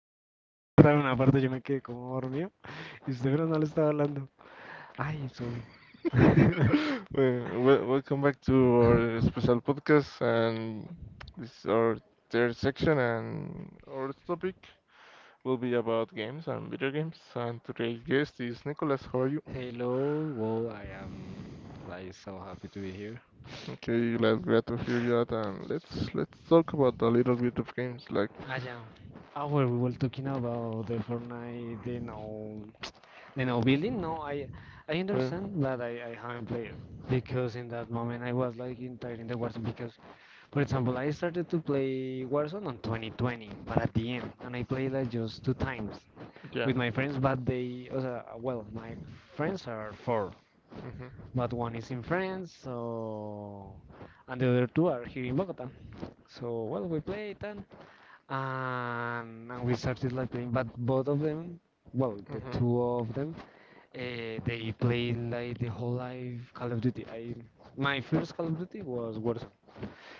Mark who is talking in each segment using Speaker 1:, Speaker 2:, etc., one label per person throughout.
Speaker 1: La verdad, una parte yo me quedé como dormido y usted pero no le estaba hablando. Ay, sorry.
Speaker 2: Well, welcome back to our special podcast, and this is our third section, and our topic will be about games and video games. And today's guest is Nicholas. How are you?
Speaker 1: Hello, well, I am like so happy to be here.
Speaker 2: Okay, glad to hear you out, and let's talk about a little bit of games, like.
Speaker 1: Ah, ya. Oh, well, we were talking about the Fortnite, the no building. No, I
Speaker 2: Uh,
Speaker 1: understand, but I haven't played because in that moment I was like entire in the Warzone because, for
Speaker 2: mhm.
Speaker 1: example, I started to play Warzone on 2020, but at the end, and I played like just two times
Speaker 2: Yeah.
Speaker 1: with my friends. But they, o well, my friends are four,
Speaker 2: Hmm.
Speaker 1: but one is in France, so and the other two are here in Bogota. So well, we played and and we started like playing, but both of them, well, the
Speaker 2: Hmm.
Speaker 1: two of them, they played like the whole life Call of Duty. I My first Call of Duty was Warzone.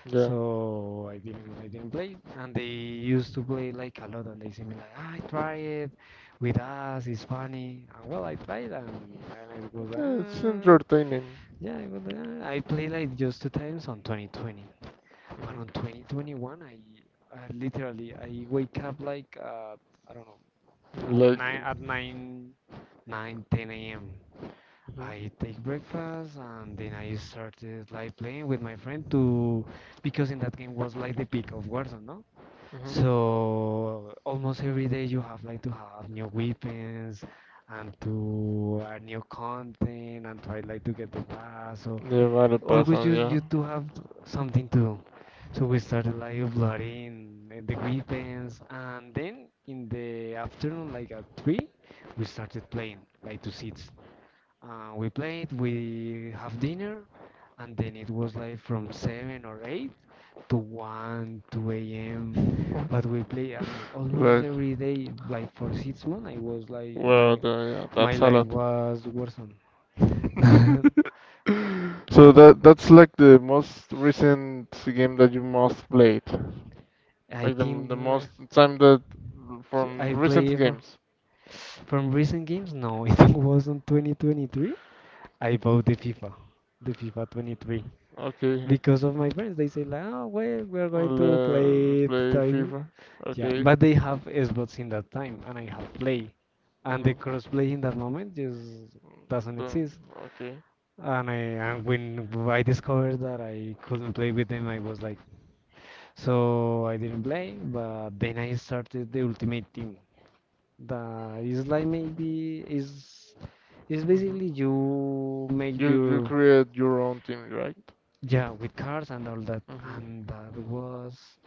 Speaker 2: Yeah.
Speaker 1: So I didn't play, and they used to play like a lot, and they say me like, "Ah, I try it with us, it's funny." And well, I tried and it was like,
Speaker 2: Yeah, it's entertaining.
Speaker 1: yeah, it was, ah. I played like just two times on 2020, but
Speaker 2: Hmm.
Speaker 1: on 2021 I literally I wake up like I don't know at
Speaker 2: Like. Hmm.
Speaker 1: nine nine ten a.m. I take breakfast and then I started like playing with my friend to because in that game was like the peak of Warzone, no?
Speaker 2: Hmm.
Speaker 1: So almost every day you have like to have new weapons and to add new content and try like to get the pass. So
Speaker 2: The battle pass
Speaker 1: always
Speaker 2: on,
Speaker 1: you
Speaker 2: yeah.
Speaker 1: you to have something to do. So we started like uploading the weapons and then in the afternoon like at three we started playing like to seats, we played, we have dinner, and then it was like from 7 or 8 to 1, 2 a.m. But we play almost
Speaker 2: Like,
Speaker 1: every day, like for 6 months. I was like,
Speaker 2: well,
Speaker 1: my
Speaker 2: yeah,
Speaker 1: my
Speaker 2: that's a
Speaker 1: life
Speaker 2: lot.
Speaker 1: was worsened.
Speaker 2: So that's like the most recent game that you most played,
Speaker 1: I
Speaker 2: like the
Speaker 1: think
Speaker 2: the most time that
Speaker 1: j-
Speaker 2: from
Speaker 1: I
Speaker 2: recent
Speaker 1: play for,
Speaker 2: games.
Speaker 1: from recent games. No, it was on 2023. I bought the FIFA 23.
Speaker 2: Okay.
Speaker 1: Because of my friends, they say like, oh, well, "we're going to play it
Speaker 2: Play
Speaker 1: tonight."
Speaker 2: FIFA.
Speaker 1: Yeah,
Speaker 2: Okay.
Speaker 1: but they have Xbox in that time, and I have Play, and
Speaker 2: Mm-hmm.
Speaker 1: the crossplay in that moment just doesn't exist.
Speaker 2: Okay.
Speaker 1: And I and when I discovered that I couldn't play with them, I was like, so I didn't play. But then I started the Ultimate Team. That is like maybe is
Speaker 2: Mm-hmm.
Speaker 1: basically you make
Speaker 2: You
Speaker 1: your,
Speaker 2: create your own team, right?
Speaker 1: yeah, with cars and all that,
Speaker 2: Mm-hmm.
Speaker 1: and that was,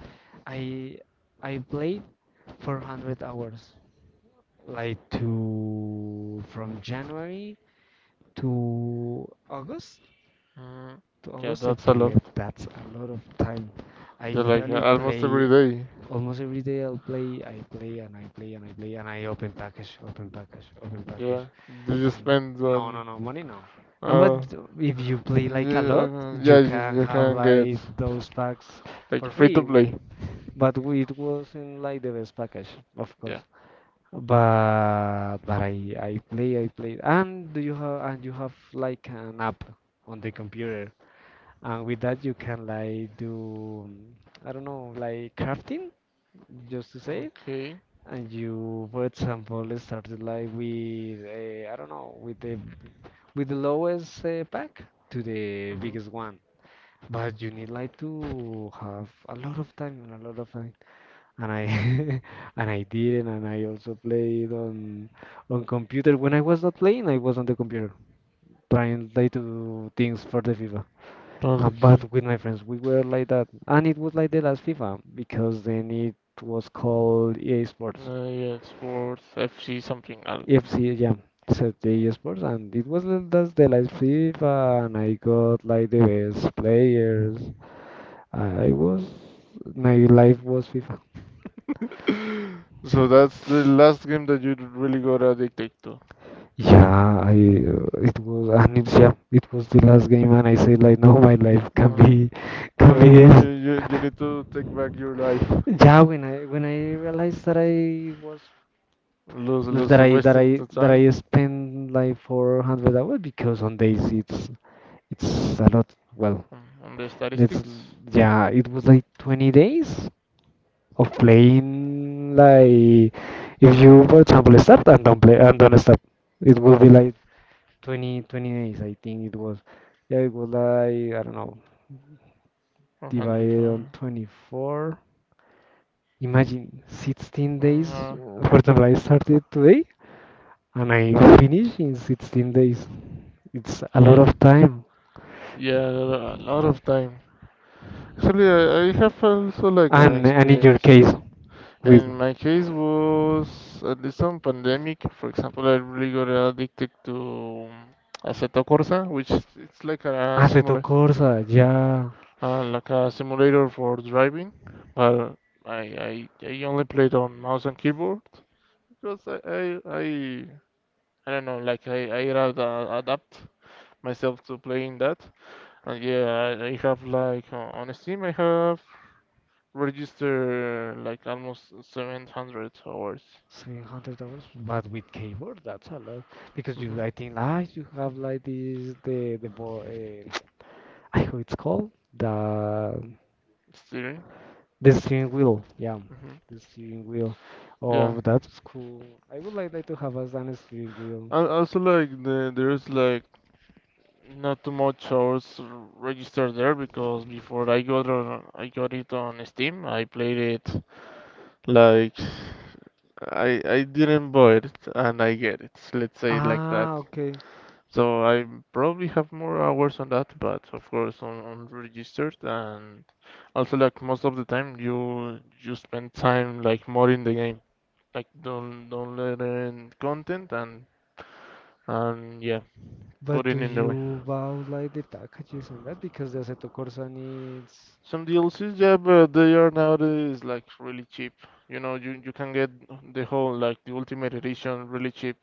Speaker 1: I I played 400 hours like to from January to August
Speaker 2: Hmm.
Speaker 1: to
Speaker 2: Yeah,
Speaker 1: August
Speaker 2: that's a
Speaker 1: September.
Speaker 2: lot.
Speaker 1: That's a lot of time. I
Speaker 2: Yeah, like
Speaker 1: literally
Speaker 2: almost every
Speaker 1: play
Speaker 2: day.
Speaker 1: almost every day. I'll play, I play, and I play, and I play, and I open package, open package, open package.
Speaker 2: Yeah. Do you
Speaker 1: And
Speaker 2: spend
Speaker 1: no,
Speaker 2: on?
Speaker 1: no, no, money no. No, but
Speaker 2: Uh,
Speaker 1: if you play like a
Speaker 2: yeah,
Speaker 1: lot,
Speaker 2: uh, yeah.
Speaker 1: you
Speaker 2: You,
Speaker 1: can
Speaker 2: you
Speaker 1: have
Speaker 2: can get
Speaker 1: like those packs
Speaker 2: like
Speaker 1: for
Speaker 2: free to
Speaker 1: free.
Speaker 2: play.
Speaker 1: But it wasn't like the best package, of
Speaker 2: Yeah.
Speaker 1: course. But I play and do you have and you have like an app on the computer and with that you can like do, I don't know, like crafting, just to say it,
Speaker 2: Okay.
Speaker 1: and you for example started like with, I don't know, with the lowest, pack to the
Speaker 2: Mm-hmm.
Speaker 1: biggest one, but you need like to have a lot of time and a lot of, and I and I didn't, and I also played on computer. When I was not playing, I was on the computer trying like to do things for the FIFA. Uh,
Speaker 2: Okay.
Speaker 1: but with my friends, we were like that, and it was like the last FIFA because then it was called EA Sports,
Speaker 2: Yeah, sports FC something else.
Speaker 1: FC, yeah, so the EA Sports, and it was that's the last FIFA, and I got like the best players. I was my life was FIFA.
Speaker 2: So that's the last game that you really got addicted to.
Speaker 1: Yeah, I it was, and it's, yeah, it was the last game and I said like, no, my life can
Speaker 2: No.
Speaker 1: be can
Speaker 2: Yeah,
Speaker 1: be
Speaker 2: and you,
Speaker 1: this.
Speaker 2: you, you need to take back your life.
Speaker 1: Yeah, when I realized that I was
Speaker 2: Lose,
Speaker 1: that
Speaker 2: lose
Speaker 1: I that
Speaker 2: wasting
Speaker 1: I
Speaker 2: the
Speaker 1: that
Speaker 2: time
Speaker 1: I spent like 400 hours, because on days it's a lot. Well,
Speaker 2: on the
Speaker 1: let's
Speaker 2: statistics.
Speaker 1: yeah, it was like 20 days of playing, like if you for example start and don't play and don't stop, it will be like 20 20 days, I think it was. Yeah, it was like, I don't know, divided
Speaker 2: 105.
Speaker 1: on 24. Imagine 16
Speaker 2: Mm,
Speaker 1: days.
Speaker 2: uh,
Speaker 1: For example, I started today and I finish in 16 days. It's a lot
Speaker 2: yeah.
Speaker 1: of time.
Speaker 2: Yeah, a lot of time. Actually, I have also like an
Speaker 1: And in your
Speaker 2: experience.
Speaker 1: case, with
Speaker 2: In my case was at least on pandemic. For example, I really got addicted to Assetto Corsa, which it's like a
Speaker 1: Aceto
Speaker 2: similar
Speaker 1: Corsa, yeah,
Speaker 2: like a simulator for driving, but I only played on mouse and keyboard because I don't know, like I had adapt myself to playing that. And yeah, I have like on Steam, I have registered like almost 700 hours.
Speaker 1: $700, but with keyboard, that's a lot. Because
Speaker 2: Mm-hmm.
Speaker 1: you, I think, like, you have like this, I how it's called, the
Speaker 2: Steering.
Speaker 1: The steering wheel, yeah,
Speaker 2: Mm-hmm.
Speaker 1: the steering wheel.
Speaker 2: Yeah.
Speaker 1: Oh, that's cool. I would like that to have as an steering wheel.
Speaker 2: And also like there's like not too much hours registered there because before I got on, I got it on Steam. I played it like I didn't buy it and I get it. Let's say it like
Speaker 1: Ah,
Speaker 2: that.
Speaker 1: okay.
Speaker 2: So I probably have more hours on that, but of course on registered and also like most of the time you spend time like more in the game, like don't let in content and yeah,
Speaker 1: But
Speaker 2: put
Speaker 1: do
Speaker 2: it in the way.
Speaker 1: you buy like the packages and that? Because the Assetto Corsa needs.
Speaker 2: Some DLCs, yeah, but they are nowadays like really cheap. You know, you can get the whole like the Ultimate Edition really cheap,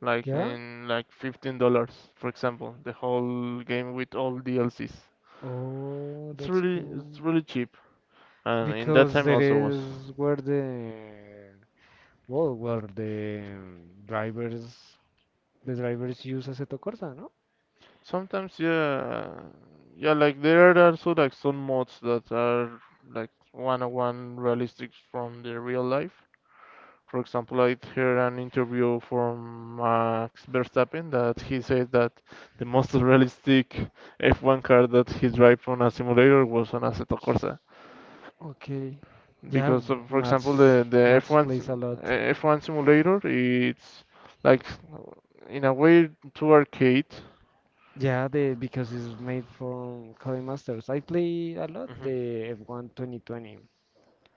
Speaker 2: like
Speaker 1: Yeah?
Speaker 2: in like $15, for example, the whole game with all DLCs.
Speaker 1: Oh, that's
Speaker 2: It's
Speaker 1: cool.
Speaker 2: really cheap, and in that
Speaker 1: Because
Speaker 2: time
Speaker 1: there
Speaker 2: also was.
Speaker 1: is where the. Well, where the drivers. The drivers use Assetto Corsa, no?
Speaker 2: Sometimes, yeah, yeah, like there are also like some mods that are like one-on-one realistic from the real life. For example, I heard an interview from Max Verstappen that he said that the most realistic F1 car that he drove on a simulator was on Assetto Corsa.
Speaker 1: Okay. Yeah,
Speaker 2: Because, for example,
Speaker 1: Mats
Speaker 2: the
Speaker 1: Mats plays a lot.
Speaker 2: F1 simulator, it's like in a way too arcade.
Speaker 1: Yeah, the because it's made from Clay Masters. I play a lot
Speaker 2: Hmm.
Speaker 1: the F1 2020,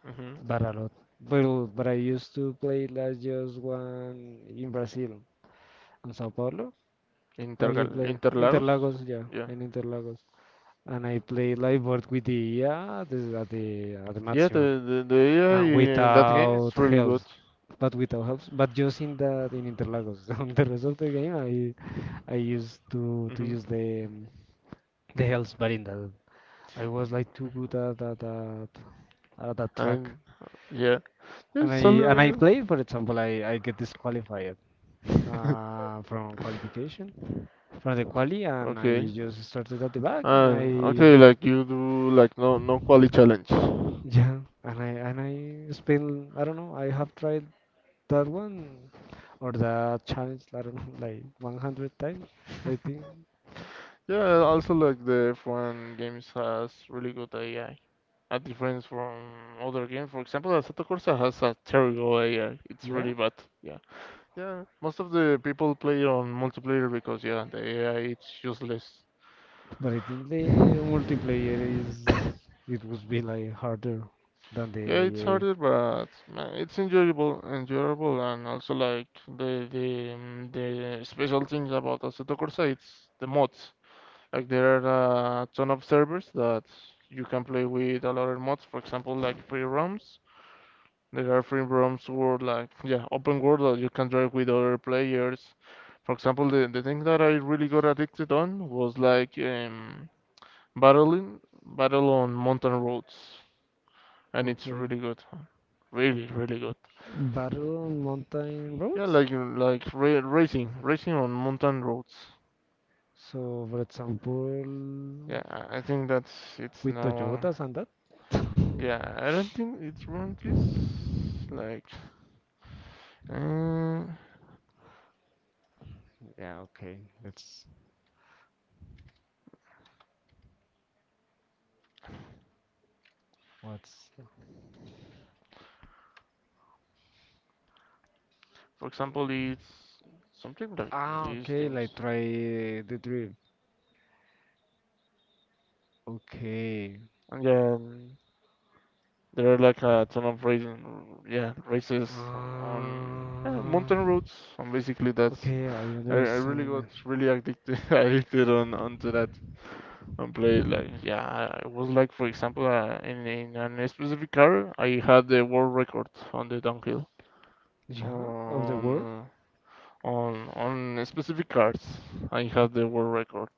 Speaker 2: Hmm.
Speaker 1: but a lot. But I used to play last year's one in Brazil, in Sao Paulo. How you
Speaker 2: Intergal
Speaker 1: play?
Speaker 2: Interlagos?
Speaker 1: Interlagos, yeah,
Speaker 2: Yeah.
Speaker 1: in Interlagos. And I play live board with the, yeah, this is at the
Speaker 2: Yeah,
Speaker 1: maximum,
Speaker 2: the
Speaker 1: and
Speaker 2: AI in that game
Speaker 1: without
Speaker 2: is really good.
Speaker 1: helps, but without helps, but just in Interlagos. On the rest of the game, I used to
Speaker 2: Hmm.
Speaker 1: use the, the helps, but in that I was like too good at that track.
Speaker 2: And yeah,
Speaker 1: And I
Speaker 2: it's
Speaker 1: and I
Speaker 2: a,
Speaker 1: played, for example, I get disqualified, from qualification, from the quali, and I
Speaker 2: okay.
Speaker 1: just started at the back, and I
Speaker 2: Okay, like you do like no quality challenge.
Speaker 1: yeah, and I spent, I don't know. I have tried that one or the challenge, I don't know, like 100 times, I think.
Speaker 2: Yeah, also like the F1 games has really good AI. A difference from other games, for example, Assetto Corsa has a terrible AI. It's
Speaker 1: Yeah,
Speaker 2: really bad. Yeah. Yeah. Most of the people play on multiplayer because yeah, the AI it's useless.
Speaker 1: but I think the multiplayer is it would be like harder than the
Speaker 2: Yeah, it's
Speaker 1: AA.
Speaker 2: harder, but man, it's enjoyable, enjoyable, and also like the special thing about Assetto Corsa, it's the mods. Like there are a ton of servers that you can play with a lot of mods. For example, like free roams. There are free roams where like yeah, open world that you can drive with other players. For example, the thing that I really got addicted on was like battling battle on mountain roads, and it's
Speaker 1: Okay,
Speaker 2: really good, really good.
Speaker 1: battle on mountain
Speaker 2: Yeah,
Speaker 1: roads.
Speaker 2: like racing on mountain roads.
Speaker 1: So, for example,
Speaker 2: Yeah, I think that's it's
Speaker 1: with
Speaker 2: now.
Speaker 1: Toyotas and that.
Speaker 2: Yeah, I don't think it's run this. Like, uh,
Speaker 1: Yeah, okay. Let's what's
Speaker 2: for example, it's something like
Speaker 1: ah
Speaker 2: these
Speaker 1: okay, like
Speaker 2: things.
Speaker 1: try the drift. Okay,
Speaker 2: And then there are like a ton of racing, yeah, races on yeah,
Speaker 1: Uh,
Speaker 2: mountain roads. And basically, that's
Speaker 1: okay, I
Speaker 2: I really
Speaker 1: understand.
Speaker 2: got really addicted addicted on onto that. And play like yeah. It was like for example in a specific car, I had the world record on the downhill
Speaker 1: Yeah, of the world?
Speaker 2: on uh, on specific cars. I had the world record.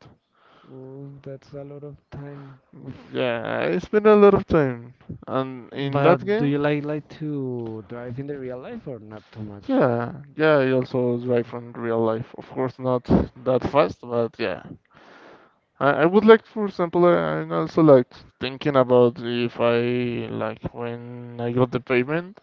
Speaker 1: Well, that's a lot of time. Oof.
Speaker 2: Yeah, I spent a lot of time, and in that
Speaker 1: But do you
Speaker 2: game,
Speaker 1: like to drive in the real life or not too much?
Speaker 2: yeah, yeah, I also drive from real life. Of course, not that fast, but yeah, I would like, for example, I'm also like thinking about if I like when I got the payment,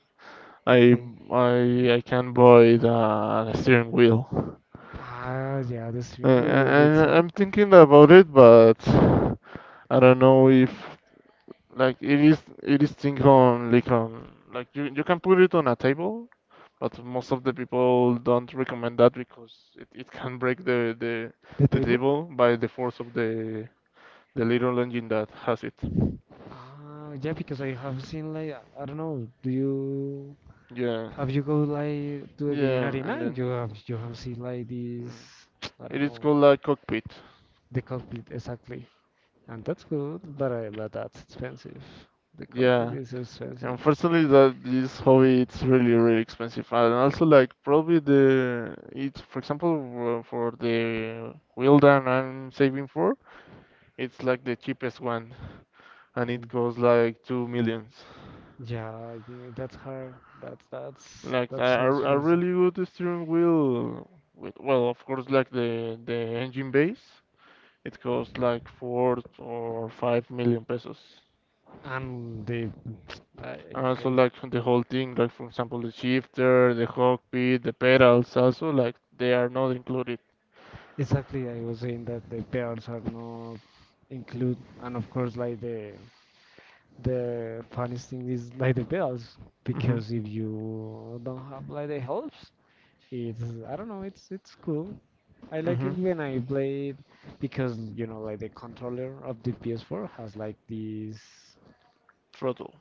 Speaker 2: I
Speaker 1: Okay.
Speaker 2: I can buy the steering wheel.
Speaker 1: Ah, yeah, the
Speaker 2: Uh, I,
Speaker 1: steering wheel, it's,
Speaker 2: I I'm thinking about it, but I don't know if like it is thing on like you can put it on a table, but most of the people don't recommend that because it can break the, the
Speaker 1: the
Speaker 2: the
Speaker 1: table.
Speaker 2: table by the force of the little engine that has it.
Speaker 1: Ah, yeah, because I have seen like I don't know. Do you
Speaker 2: Yeah,
Speaker 1: have you go like to the gaming
Speaker 2: yeah, and
Speaker 1: arena? You
Speaker 2: then
Speaker 1: have you have seen like this?
Speaker 2: mm,
Speaker 1: I
Speaker 2: it
Speaker 1: don't
Speaker 2: is
Speaker 1: know.
Speaker 2: called a cockpit.
Speaker 1: The cockpit, exactly. And that's good, but that's expensive. The cockpit
Speaker 2: Yeah.
Speaker 1: is expensive.
Speaker 2: Unfortunately, that this hobby it's really expensive, and also like probably the it's for example for the wheel that I'm saving for, it's like the cheapest one, and it
Speaker 1: Mm.
Speaker 2: costs like two millions.
Speaker 1: Yeah, yeah, that's hard. That's that's
Speaker 2: Like a,
Speaker 1: that's so
Speaker 2: a a
Speaker 1: expensive.
Speaker 2: really good steering wheel with well, of course, like the engine base, it costs like 4 or 5 million pesos.
Speaker 1: And the I
Speaker 2: And also
Speaker 1: hate.
Speaker 2: like from the whole thing, like for example the shifter, the cockpit, the pedals, also like they are not included.
Speaker 1: Exactly, I was saying that the pairs are not include, and of course, like the funniest thing is like the bells,
Speaker 2: Hmm.
Speaker 1: because if you don't have like the helps, it's I don't know, it's cool. I like
Speaker 2: Hmm.
Speaker 1: it when I play it, because you know, like the controller of the PS4 has like this,
Speaker 2: Throttle.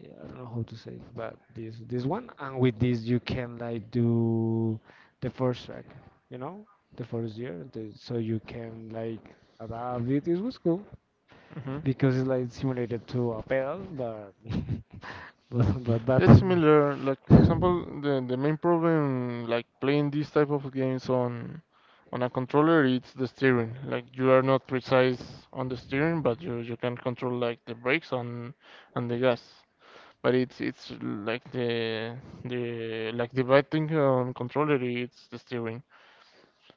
Speaker 1: yeah, I don't know how to say it, but this one, and with this you can like do the first track, you know, the first year, so you can like adapt it. It was cool
Speaker 2: Hmm.
Speaker 1: because it's like simulated to a pedal, but but
Speaker 2: It's
Speaker 1: that.
Speaker 2: similar. Like for example, the main problem like playing these type of games on a controller, it's the steering. Like you are not precise on the steering, but you can control like the brakes on and the gas. But it's like the like the bad thing on controller, it's the steering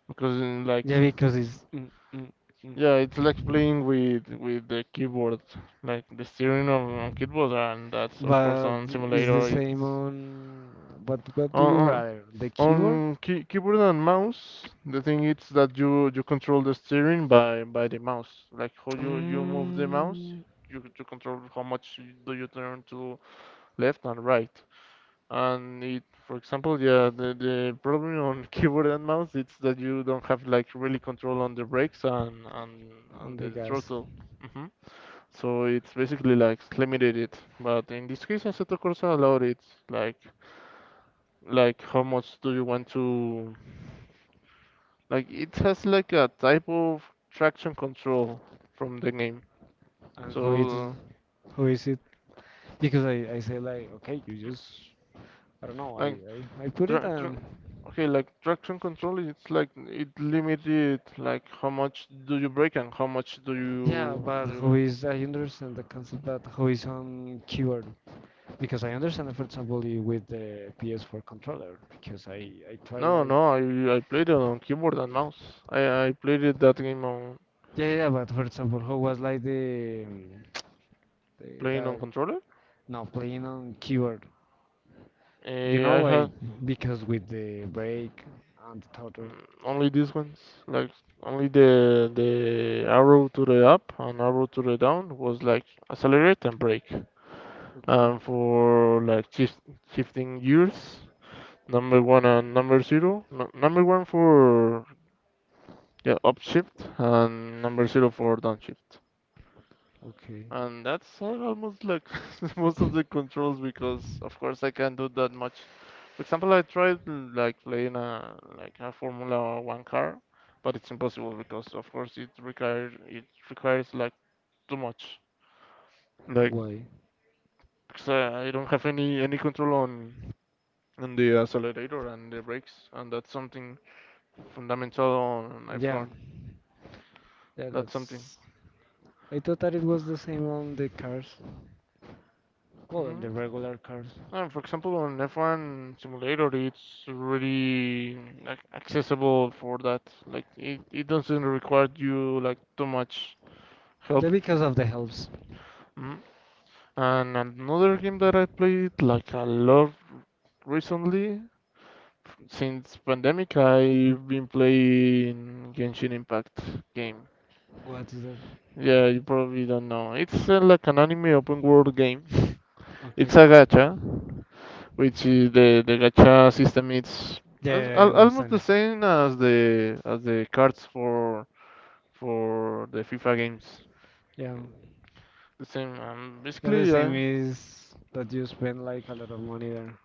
Speaker 2: because like,
Speaker 1: Yeah, because it's. Mm, mm, mm.
Speaker 2: yeah, it's like playing with the keyboard, like the steering on keyboard, and that's of course
Speaker 1: But
Speaker 2: on
Speaker 1: it's the
Speaker 2: simulator.
Speaker 1: same on. But what do you
Speaker 2: On
Speaker 1: rather? The
Speaker 2: on,
Speaker 1: keyboard?
Speaker 2: on key, keyboard and mouse, the thing is that you control the steering by the mouse, like how you move the mouse,
Speaker 1: Mm,
Speaker 2: you control how much do you turn to left and right. And it, for example, yeah, the problem on keyboard and mouse it's that you don't have like really control on the brakes and
Speaker 1: on the
Speaker 2: the
Speaker 1: gas.
Speaker 2: throttle. Mm-hmm. So it's basically like limited it. But in this case, Assetto Corsa allowed it. Like, like, how much do you want to? Like, it has like a type of traction control from the name.
Speaker 1: And
Speaker 2: So,
Speaker 1: who is it? Because I say like, okay, you just, I don't know,
Speaker 2: like,
Speaker 1: I put
Speaker 2: tra
Speaker 1: it
Speaker 2: tra
Speaker 1: and
Speaker 2: okay, like traction control. It's like it limited like how much do you brake and how much do
Speaker 1: yeah,
Speaker 2: you do
Speaker 1: but who
Speaker 2: you.
Speaker 1: is, I understand the concept, that who is on keyboard. Because I understand, it, for example, with the PS4 controller, because I try
Speaker 2: No,
Speaker 1: like.
Speaker 2: no, I played it on keyboard and mouse. I played it that game on
Speaker 1: Yeah, yeah, yeah, but for example, who was like the, the
Speaker 2: playing on
Speaker 1: that,
Speaker 2: controller.
Speaker 1: no, playing on keyboard.
Speaker 2: Uh,
Speaker 1: You know
Speaker 2: I
Speaker 1: why?
Speaker 2: had
Speaker 1: Because with the break and the throttle.
Speaker 2: only these ones, like only the arrow to the up and arrow to the down was like accelerate and brake.
Speaker 1: Okay,
Speaker 2: And for like shifting gears, number one and number zero, no, number one for yeah upshift and number zero for downshift.
Speaker 1: okay.
Speaker 2: And that's almost like most of the controls because of course I can't do that much. For example, I tried like playing a like a Formula One car, but it's impossible because of course it requires like too much. Like,
Speaker 1: Why?
Speaker 2: 'cause I don't have any control on the accelerator and the brakes, and that's something fundamental on f
Speaker 1: Yeah,
Speaker 2: one
Speaker 1: yeah,
Speaker 2: That's something.
Speaker 1: that's. I thought that it was the same on the cars. Well, on
Speaker 2: Hmm.
Speaker 1: the regular cars.
Speaker 2: For example, on F1 Simulator, it's really like accessible for that. Like it doesn't require you like too much help.
Speaker 1: Yeah, because of the helps.
Speaker 2: Mhm. And another game that I played like a lot recently, since pandemic, I've been playing Genshin Impact game.
Speaker 1: What's that?
Speaker 2: Yeah, you probably don't know. It's like an anime open world game. It's
Speaker 1: Okay.
Speaker 2: a gacha, which is the gacha system. It's
Speaker 1: Yeah, yeah, I
Speaker 2: almost
Speaker 1: understand
Speaker 2: the
Speaker 1: it.
Speaker 2: same as the cards for the FIFA games.
Speaker 1: Yeah.
Speaker 2: The same,
Speaker 1: Yeah, the
Speaker 2: basically,
Speaker 1: same
Speaker 2: yeah,
Speaker 1: is that you spend like a lot of money there.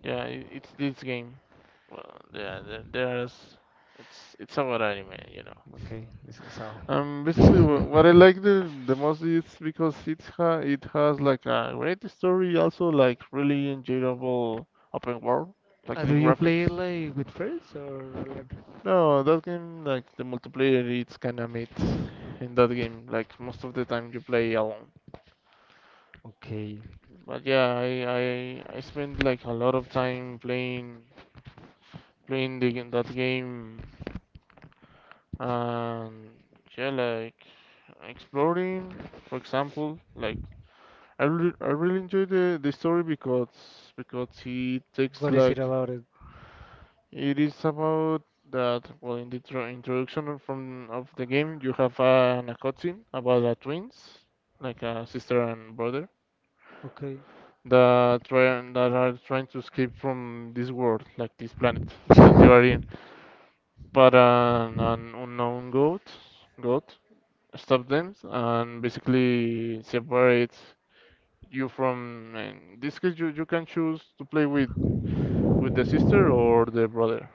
Speaker 2: yeah. I it's this game. Well, yeah, there, there's it's about anime.
Speaker 1: Okay, this is how.
Speaker 2: Basically, what I like the most is because it has like a great story, also like really enjoyable open world, like the
Speaker 1: Do you play it
Speaker 2: graphics.
Speaker 1: like with friends or alone?
Speaker 2: No, that game, like the multiplayer, it's kinda mid in that game. Like most of the time you play alone.
Speaker 1: Okay.
Speaker 2: But yeah, I spent like a lot of time playing the game, that game, and yeah, like exploring, for example, like I really enjoy the story because he takes
Speaker 1: What is
Speaker 2: like
Speaker 1: it about it?
Speaker 2: it is about that. Well, in the introduction from of the game, you have a cutscene about the twins, like a sister and brother,
Speaker 1: Okay.
Speaker 2: that are trying to escape from this world, like this planet that you are in. But an unknown god, god stops them and basically separates you from. In this case, you can choose to play with the sister or the brother.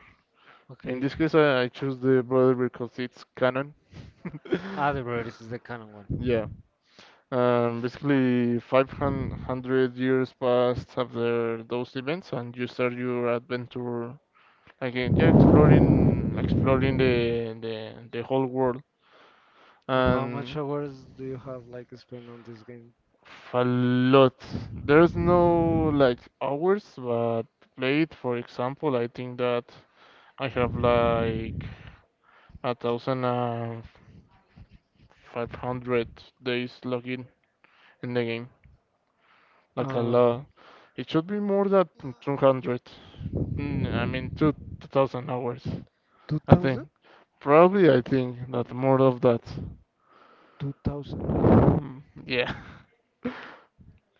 Speaker 2: In
Speaker 1: Okay.
Speaker 2: this case, I choose the brother because it's canon.
Speaker 1: Ah, the Brothers is the canon one.
Speaker 2: Yeah. Basically, 500 years passed after those events, and you start your adventure again. Yeah, exploring the whole world,
Speaker 1: And how much
Speaker 2: and
Speaker 1: hours do you have like spent on this game?
Speaker 2: a lot. There's no like hours, but played, for example, I think that I have like a thousand and 500 days login in the game. Like a
Speaker 1: Uh,
Speaker 2: lot. It should be more than 200. I mean, two 2000 hours. I think.
Speaker 1: 2000?
Speaker 2: Probably, I think that more of that.
Speaker 1: 2000.
Speaker 2: Mm, yeah.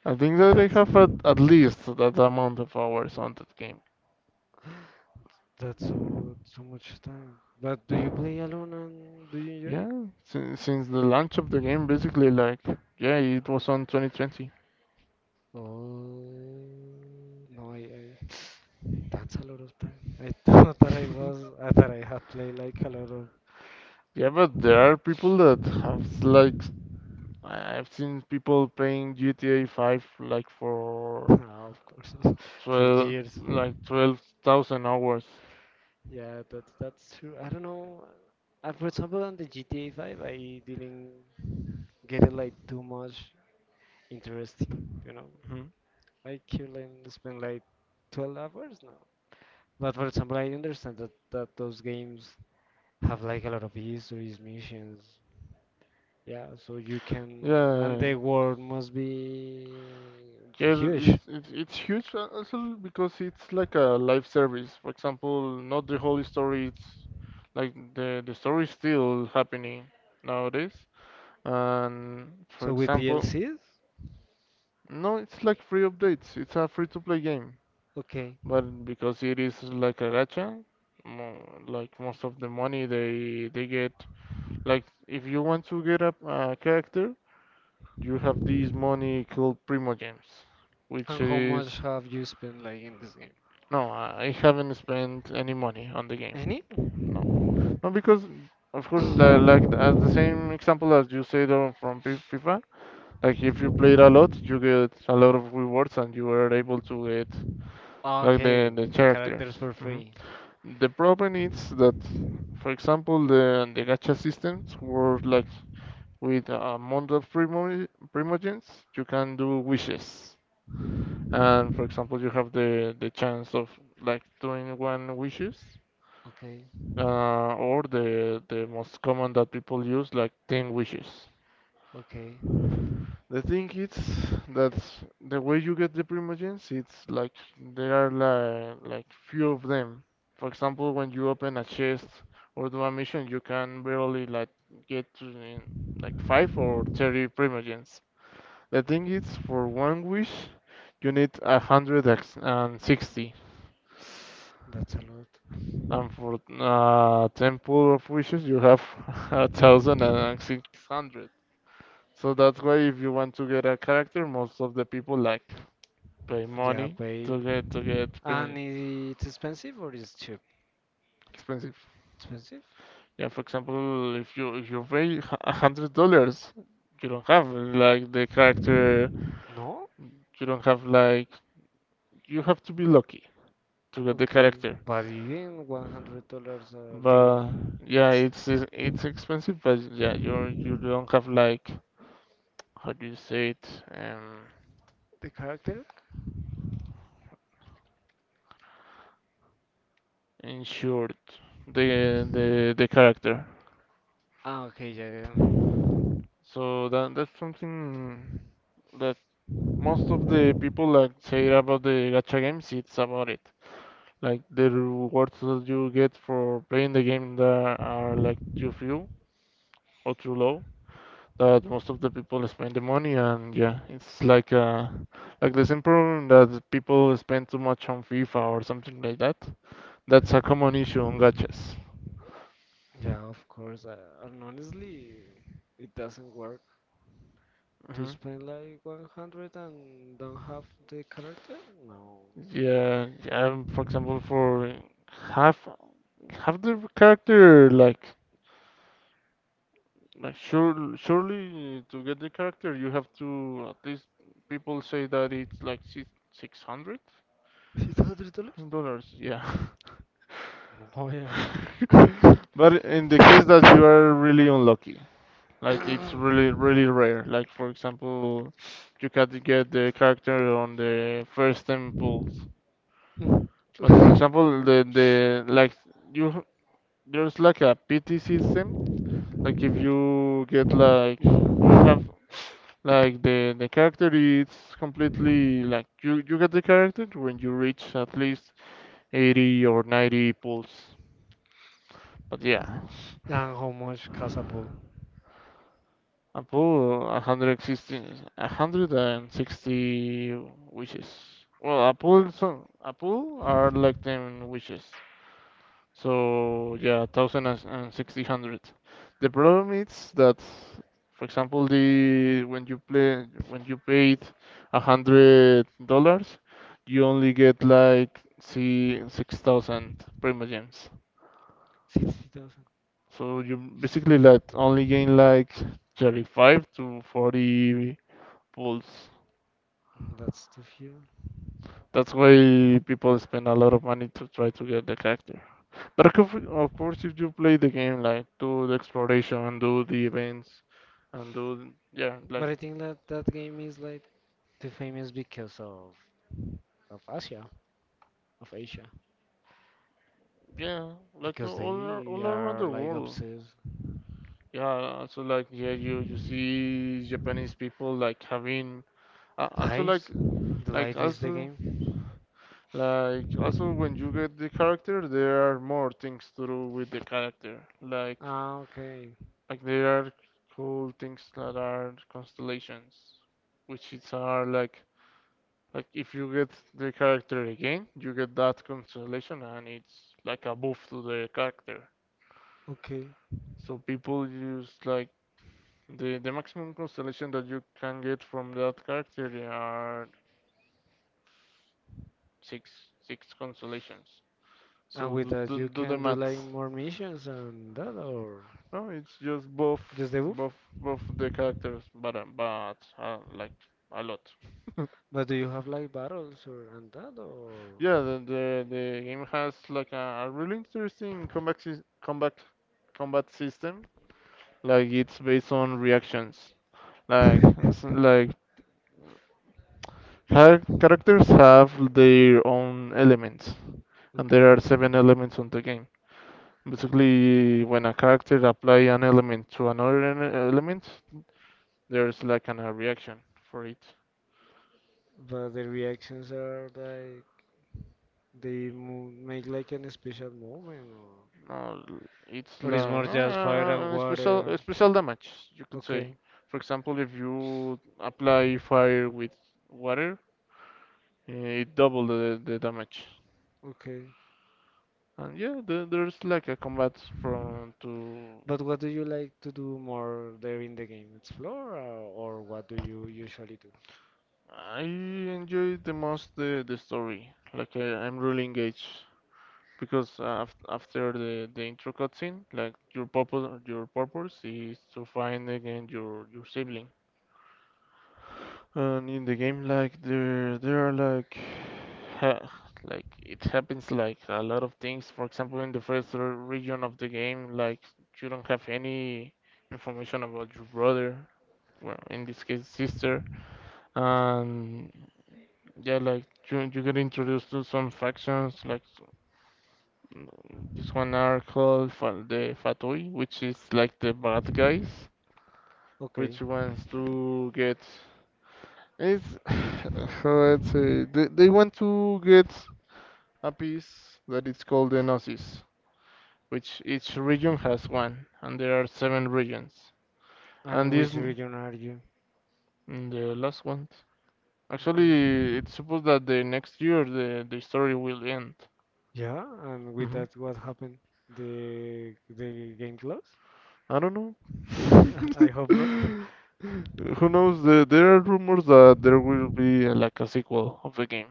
Speaker 2: I think that I
Speaker 1: That's
Speaker 2: have at least that amount of hours on that game.
Speaker 1: that's so much time. But do you play alone and do you enjoy it?
Speaker 2: Yeah, since the launch of the game, basically, like, yeah, it was on 2020.
Speaker 1: Oh no, I that's a lot of time. I thought I had played like a lot of,
Speaker 2: Yeah, but there are people that have like I've seen people playing GTA 5 like for
Speaker 1: Ah, of course, for
Speaker 2: 12,
Speaker 1: years.
Speaker 2: like 12,000 hours.
Speaker 1: Yeah, that's true. I don't know. For example, on the GTA 5, I didn't get it like too much interesting.
Speaker 2: Mhm.
Speaker 1: I could like spend like 12 hours now. But for example, I understand that those games have like a lot of histories, missions, yeah, so you can, and
Speaker 2: Yeah.
Speaker 1: the world must be
Speaker 2: Yeah,
Speaker 1: huge.
Speaker 2: it's huge also because it's like a live service. For example, not the whole story. It's like the story is still happening nowadays. And for
Speaker 1: So with
Speaker 2: example,
Speaker 1: DLCs,
Speaker 2: no, it's like free updates. It's a free to play game.
Speaker 1: okay.
Speaker 2: But because it is like a gacha, like most of the money they get, like if you want to get a character, you have this money called Primo Gems, which
Speaker 1: And how
Speaker 2: is
Speaker 1: much have you spent like in this game?
Speaker 2: no, I haven't spent any money on the game.
Speaker 1: Any?
Speaker 2: No, no, because of course, like as the same example as you said on from FIFA, like if you played a lot, you get a lot of rewards and you are able to get like the
Speaker 1: Okay,
Speaker 2: the
Speaker 1: the
Speaker 2: characters.
Speaker 1: characters for
Speaker 2: Mm-hmm.
Speaker 1: free.
Speaker 2: The problem is that, for example, the gacha systems work like with a amount of primogens you can do wishes, and for example, you have the chance of like doing one wishes,
Speaker 1: Okay,
Speaker 2: or the most common that people use like ten wishes.
Speaker 1: okay,
Speaker 2: The thing is that the way you get the primogens, it's like there are like few of them. For example, when you open a chest or do a mission, you can barely like get to like 5 or 30 primogens. The thing is, for one wish, you need a hundred and sixty,
Speaker 1: that's a lot.
Speaker 2: and for temple of wishes, you have 1,600. So that's why if you want to get a character, most of the people like pay
Speaker 1: Yeah,
Speaker 2: money
Speaker 1: pay.
Speaker 2: to get
Speaker 1: And
Speaker 2: premium
Speaker 1: it's expensive or is cheap?
Speaker 2: expensive.
Speaker 1: Expensive?
Speaker 2: Yeah, for example, if you pay $100, you don't have like the character.
Speaker 1: No?
Speaker 2: You don't have like you have to be lucky to get the
Speaker 1: Okay,
Speaker 2: character.
Speaker 1: but even $100 are digo,
Speaker 2: But yeah,
Speaker 1: it's
Speaker 2: it's expensive. But yeah, you don't have like how do you say it,
Speaker 1: the character.
Speaker 2: insured the character.
Speaker 1: Ah, okay, yeah, yeah,
Speaker 2: So that's something that. Most of the people like say about the gacha games, it's about it. Like the rewards that you get for playing the game that are like too few or too low. That most of the people spend the money, and yeah, it's like the same problem that people spend too much on FIFA or something like that. That's a common issue on gachas.
Speaker 1: yeah. Of course, and honestly, it doesn't work to
Speaker 2: Hmm.
Speaker 1: spend like 100 and don't have the character. No,
Speaker 2: Yeah, yeah. For example, for have have the character like. Like surely to get the character you have to at least people say that it's like six six hundred
Speaker 1: $600.
Speaker 2: dollars. Yeah,
Speaker 1: Oh yeah.
Speaker 2: but in the case that you are really unlucky, like it's really really rare. Like for example, you can get the character on the first ten pulls.
Speaker 1: Mm.
Speaker 2: But for example, the like you h- there's like a pity system. Like if you get like you have. Like the character is completely like you get the character when you reach at least 80 or 90 pulls. But yeah,
Speaker 1: And how much cost
Speaker 2: a pull 160 160 wishes. Well, a pull some. A pull are like 10 wishes. So yeah, thousand and sixty hundred. The problem is that, for example, the when you paid $100, you only get like see 6,000 Prima gems.
Speaker 1: 60,000.
Speaker 2: So you basically like only gain like 35 to 40 pulls.
Speaker 1: Mm, that's too few.
Speaker 2: That's why people spend a lot of money to try to get the character. But of course, if you play the game, like do the exploration, do the events, and do,
Speaker 1: But I think that that game is like too famous because of Asia, of Asia,
Speaker 2: yeah, like
Speaker 1: because
Speaker 2: all
Speaker 1: they
Speaker 2: all around
Speaker 1: are
Speaker 2: the
Speaker 1: like
Speaker 2: world.
Speaker 1: obsessed.
Speaker 2: Yeah, also like yeah, you see Japanese people like having also
Speaker 1: Lives,
Speaker 2: like
Speaker 1: the
Speaker 2: like
Speaker 1: life is the
Speaker 2: also
Speaker 1: game.
Speaker 2: like also when you get the character, there are more things to do with the character.
Speaker 1: Ah, okay.
Speaker 2: Like there are cool things that are constellations, which is are like. Like if you get the character again, you get that constellation and it's like a buff to the character.
Speaker 1: Okay.
Speaker 2: So people use like the maximum constellation that you can get from that character are six six constellations.
Speaker 1: And
Speaker 2: So
Speaker 1: with
Speaker 2: do,
Speaker 1: that, you
Speaker 2: do, do the
Speaker 1: can do like
Speaker 2: math.
Speaker 1: more missions and that, or
Speaker 2: No, it's just
Speaker 1: just the buff?
Speaker 2: buff the characters, but like a lot.
Speaker 1: But do you have like battles or and that, or?
Speaker 2: Yeah, the, the the game has like a really interesting combat system. Like it's based on reactions. Like like characters have their own elements, and
Speaker 1: Okay.
Speaker 2: there are seven elements on the game. Basically, when a character apply an element to another element, there's like a reaction for it.
Speaker 1: But the reactions are like they make like an special moment, or,
Speaker 2: No, it's
Speaker 1: or it's
Speaker 2: like
Speaker 1: more just fire and water.
Speaker 2: a special damage, you could say.
Speaker 1: Okay,
Speaker 2: For example, if you apply fire with water, it double the damage.
Speaker 1: okay.
Speaker 2: And yeah, there's like a combat from to.
Speaker 1: But what do you like to do more there in the game? Explore, or what do you usually do?
Speaker 2: I enjoy the most the story. Like I'm really engaged because af after the intro cutscene, like your purpose is to find again your sibling. And in the game, like there are like ha like it happens like a lot of things. For example, in the first region of the game, like you don't have any information about your brother. Well, in this case, sister. And yeah, like you get introduced to some factions, like mm, this one are called the Fatui, which is like the bad guys,
Speaker 1: Okay.
Speaker 2: which wants to get it's how I'd say they, want to get a piece that is called the Gnosis, which each region has one, and there are seven regions,
Speaker 1: And in
Speaker 2: and
Speaker 1: which
Speaker 2: this
Speaker 1: region are you?
Speaker 2: the last one.
Speaker 1: Okay.
Speaker 2: Actually, it's supposed that the next year the story will end.
Speaker 1: Yeah, and with
Speaker 2: hmm
Speaker 1: that, what happened? The game closed?
Speaker 2: I don't know.
Speaker 1: I hope not.
Speaker 2: Who knows? There are rumors that there will be like a sequel of the game,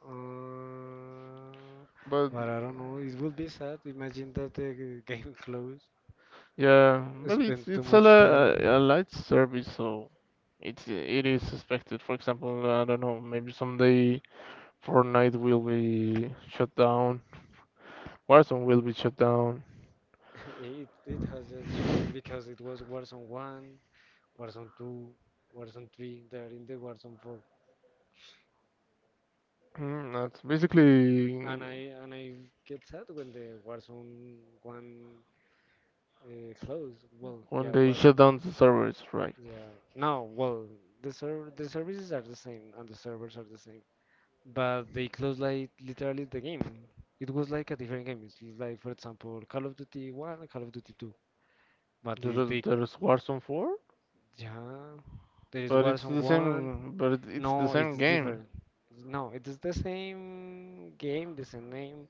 Speaker 1: Uh,
Speaker 2: but
Speaker 1: but I don't know. It would be sad. Imagine that the game closed.
Speaker 2: yeah, but
Speaker 1: Spend too
Speaker 2: it's
Speaker 1: much time.
Speaker 2: a light service, so it is expected. For example, I don't know, maybe someday Fortnite will be shut down, Warzone will be shut down.
Speaker 1: It has just shouldn't because it was Warzone 1, Warzone 2, Warzone 3. They're in the Warzone 4,
Speaker 2: That's
Speaker 1: and
Speaker 2: basically.
Speaker 1: I and I get sad when the Warzone 1 closed. Well, yeah,
Speaker 2: When they
Speaker 1: Warzone.
Speaker 2: shut down the servers, right?
Speaker 1: Yeah. No, well, the services are the same and the servers are the same, but they closed like literally the game. It was like a different game. It's like for example Call of Duty 1 and Call of Duty 2. But is they
Speaker 2: There's Warzone 4,
Speaker 1: yeah, there is
Speaker 2: but it's
Speaker 1: Warzone
Speaker 2: the
Speaker 1: 1.
Speaker 2: same, but it's the
Speaker 1: No, it's
Speaker 2: same game.
Speaker 1: different. No, it is the same game, the same name,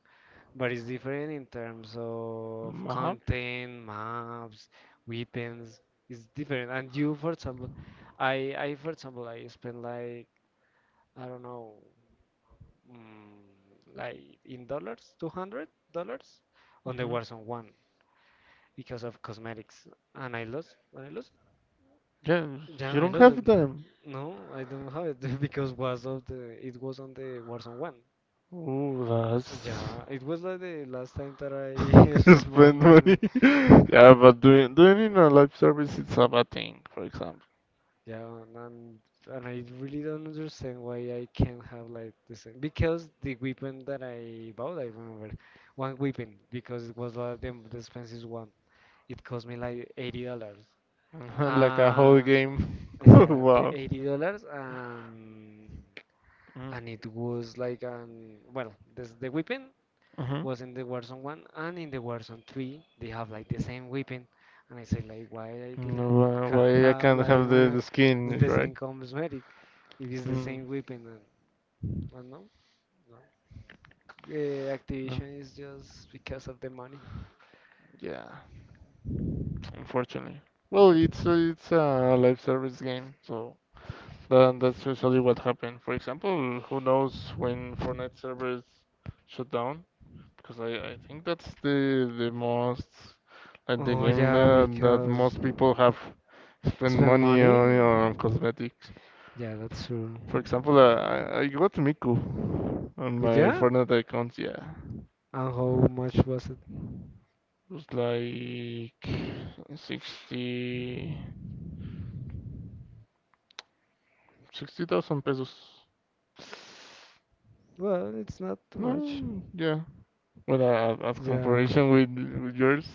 Speaker 1: but it's different in terms of
Speaker 2: Mm, uh-huh.
Speaker 1: content, maps, weapons. It's different. And you, for example, for example, I spent like, I don't know, like in dollars, $200 on the
Speaker 2: Hmm.
Speaker 1: Warzone 1 because of cosmetics. And I lost, and I lost.
Speaker 2: Yeah,
Speaker 1: Yeah,
Speaker 2: you
Speaker 1: I
Speaker 2: don't
Speaker 1: lost it.
Speaker 2: have them.
Speaker 1: No, I don't have it because was of the it was on the Warzone 1.
Speaker 2: Ooh, that's
Speaker 1: Yeah, it was like the last time that I spent money
Speaker 2: spend
Speaker 1: on
Speaker 2: money. Yeah, but doing in a live service, it's a bad thing. For example.
Speaker 1: yeah, and I really don't understand why I can't have like the same because the weapon that I bought, I remember one weapon because it was like the expensive one. It cost me like $80.
Speaker 2: Like a whole
Speaker 1: Uh,
Speaker 2: game.
Speaker 1: yeah, the
Speaker 2: Wow.
Speaker 1: $80 and it was like well, this the weapon
Speaker 2: Mm-hmm.
Speaker 1: was in the Warzone 1 and in the Warzone 3 they have like the same weapon, and I said like why I didn't can
Speaker 2: Why I
Speaker 1: have
Speaker 2: can't
Speaker 1: like
Speaker 2: have the skin,
Speaker 1: the same
Speaker 2: right?
Speaker 1: cosmetic if it's the
Speaker 2: Mm.
Speaker 1: same weapon and no no.
Speaker 2: No.
Speaker 1: Activision is just because of the money,
Speaker 2: Yeah, unfortunately. Well,
Speaker 1: unfortunately.
Speaker 2: it's a live service game, so that's usually what happened. For example, who knows when Fortnite servers shut down? Because I think that's the most like the
Speaker 1: Oh
Speaker 2: game
Speaker 1: yeah,
Speaker 2: that
Speaker 1: because.
Speaker 2: most people have spent
Speaker 1: Spend
Speaker 2: money
Speaker 1: money?
Speaker 2: on cosmetics.
Speaker 1: Yeah, that's true.
Speaker 2: For example, I got Miku on
Speaker 1: But
Speaker 2: my
Speaker 1: yeah,
Speaker 2: Fortnite account. Yeah, it
Speaker 1: and how much was it?
Speaker 2: was like sixty sixty thousand pesos.
Speaker 1: Well, it's not too much.
Speaker 2: No, yeah. Well, as
Speaker 1: Yeah,
Speaker 2: comparison with yours.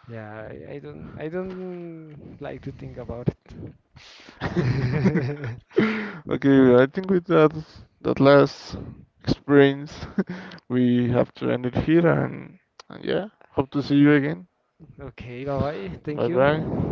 Speaker 1: yeah. I don't. I don't like to think about it.
Speaker 2: Okay, I think with that last experience, we have to end it here and yeah, hope to see you again. Bye bye.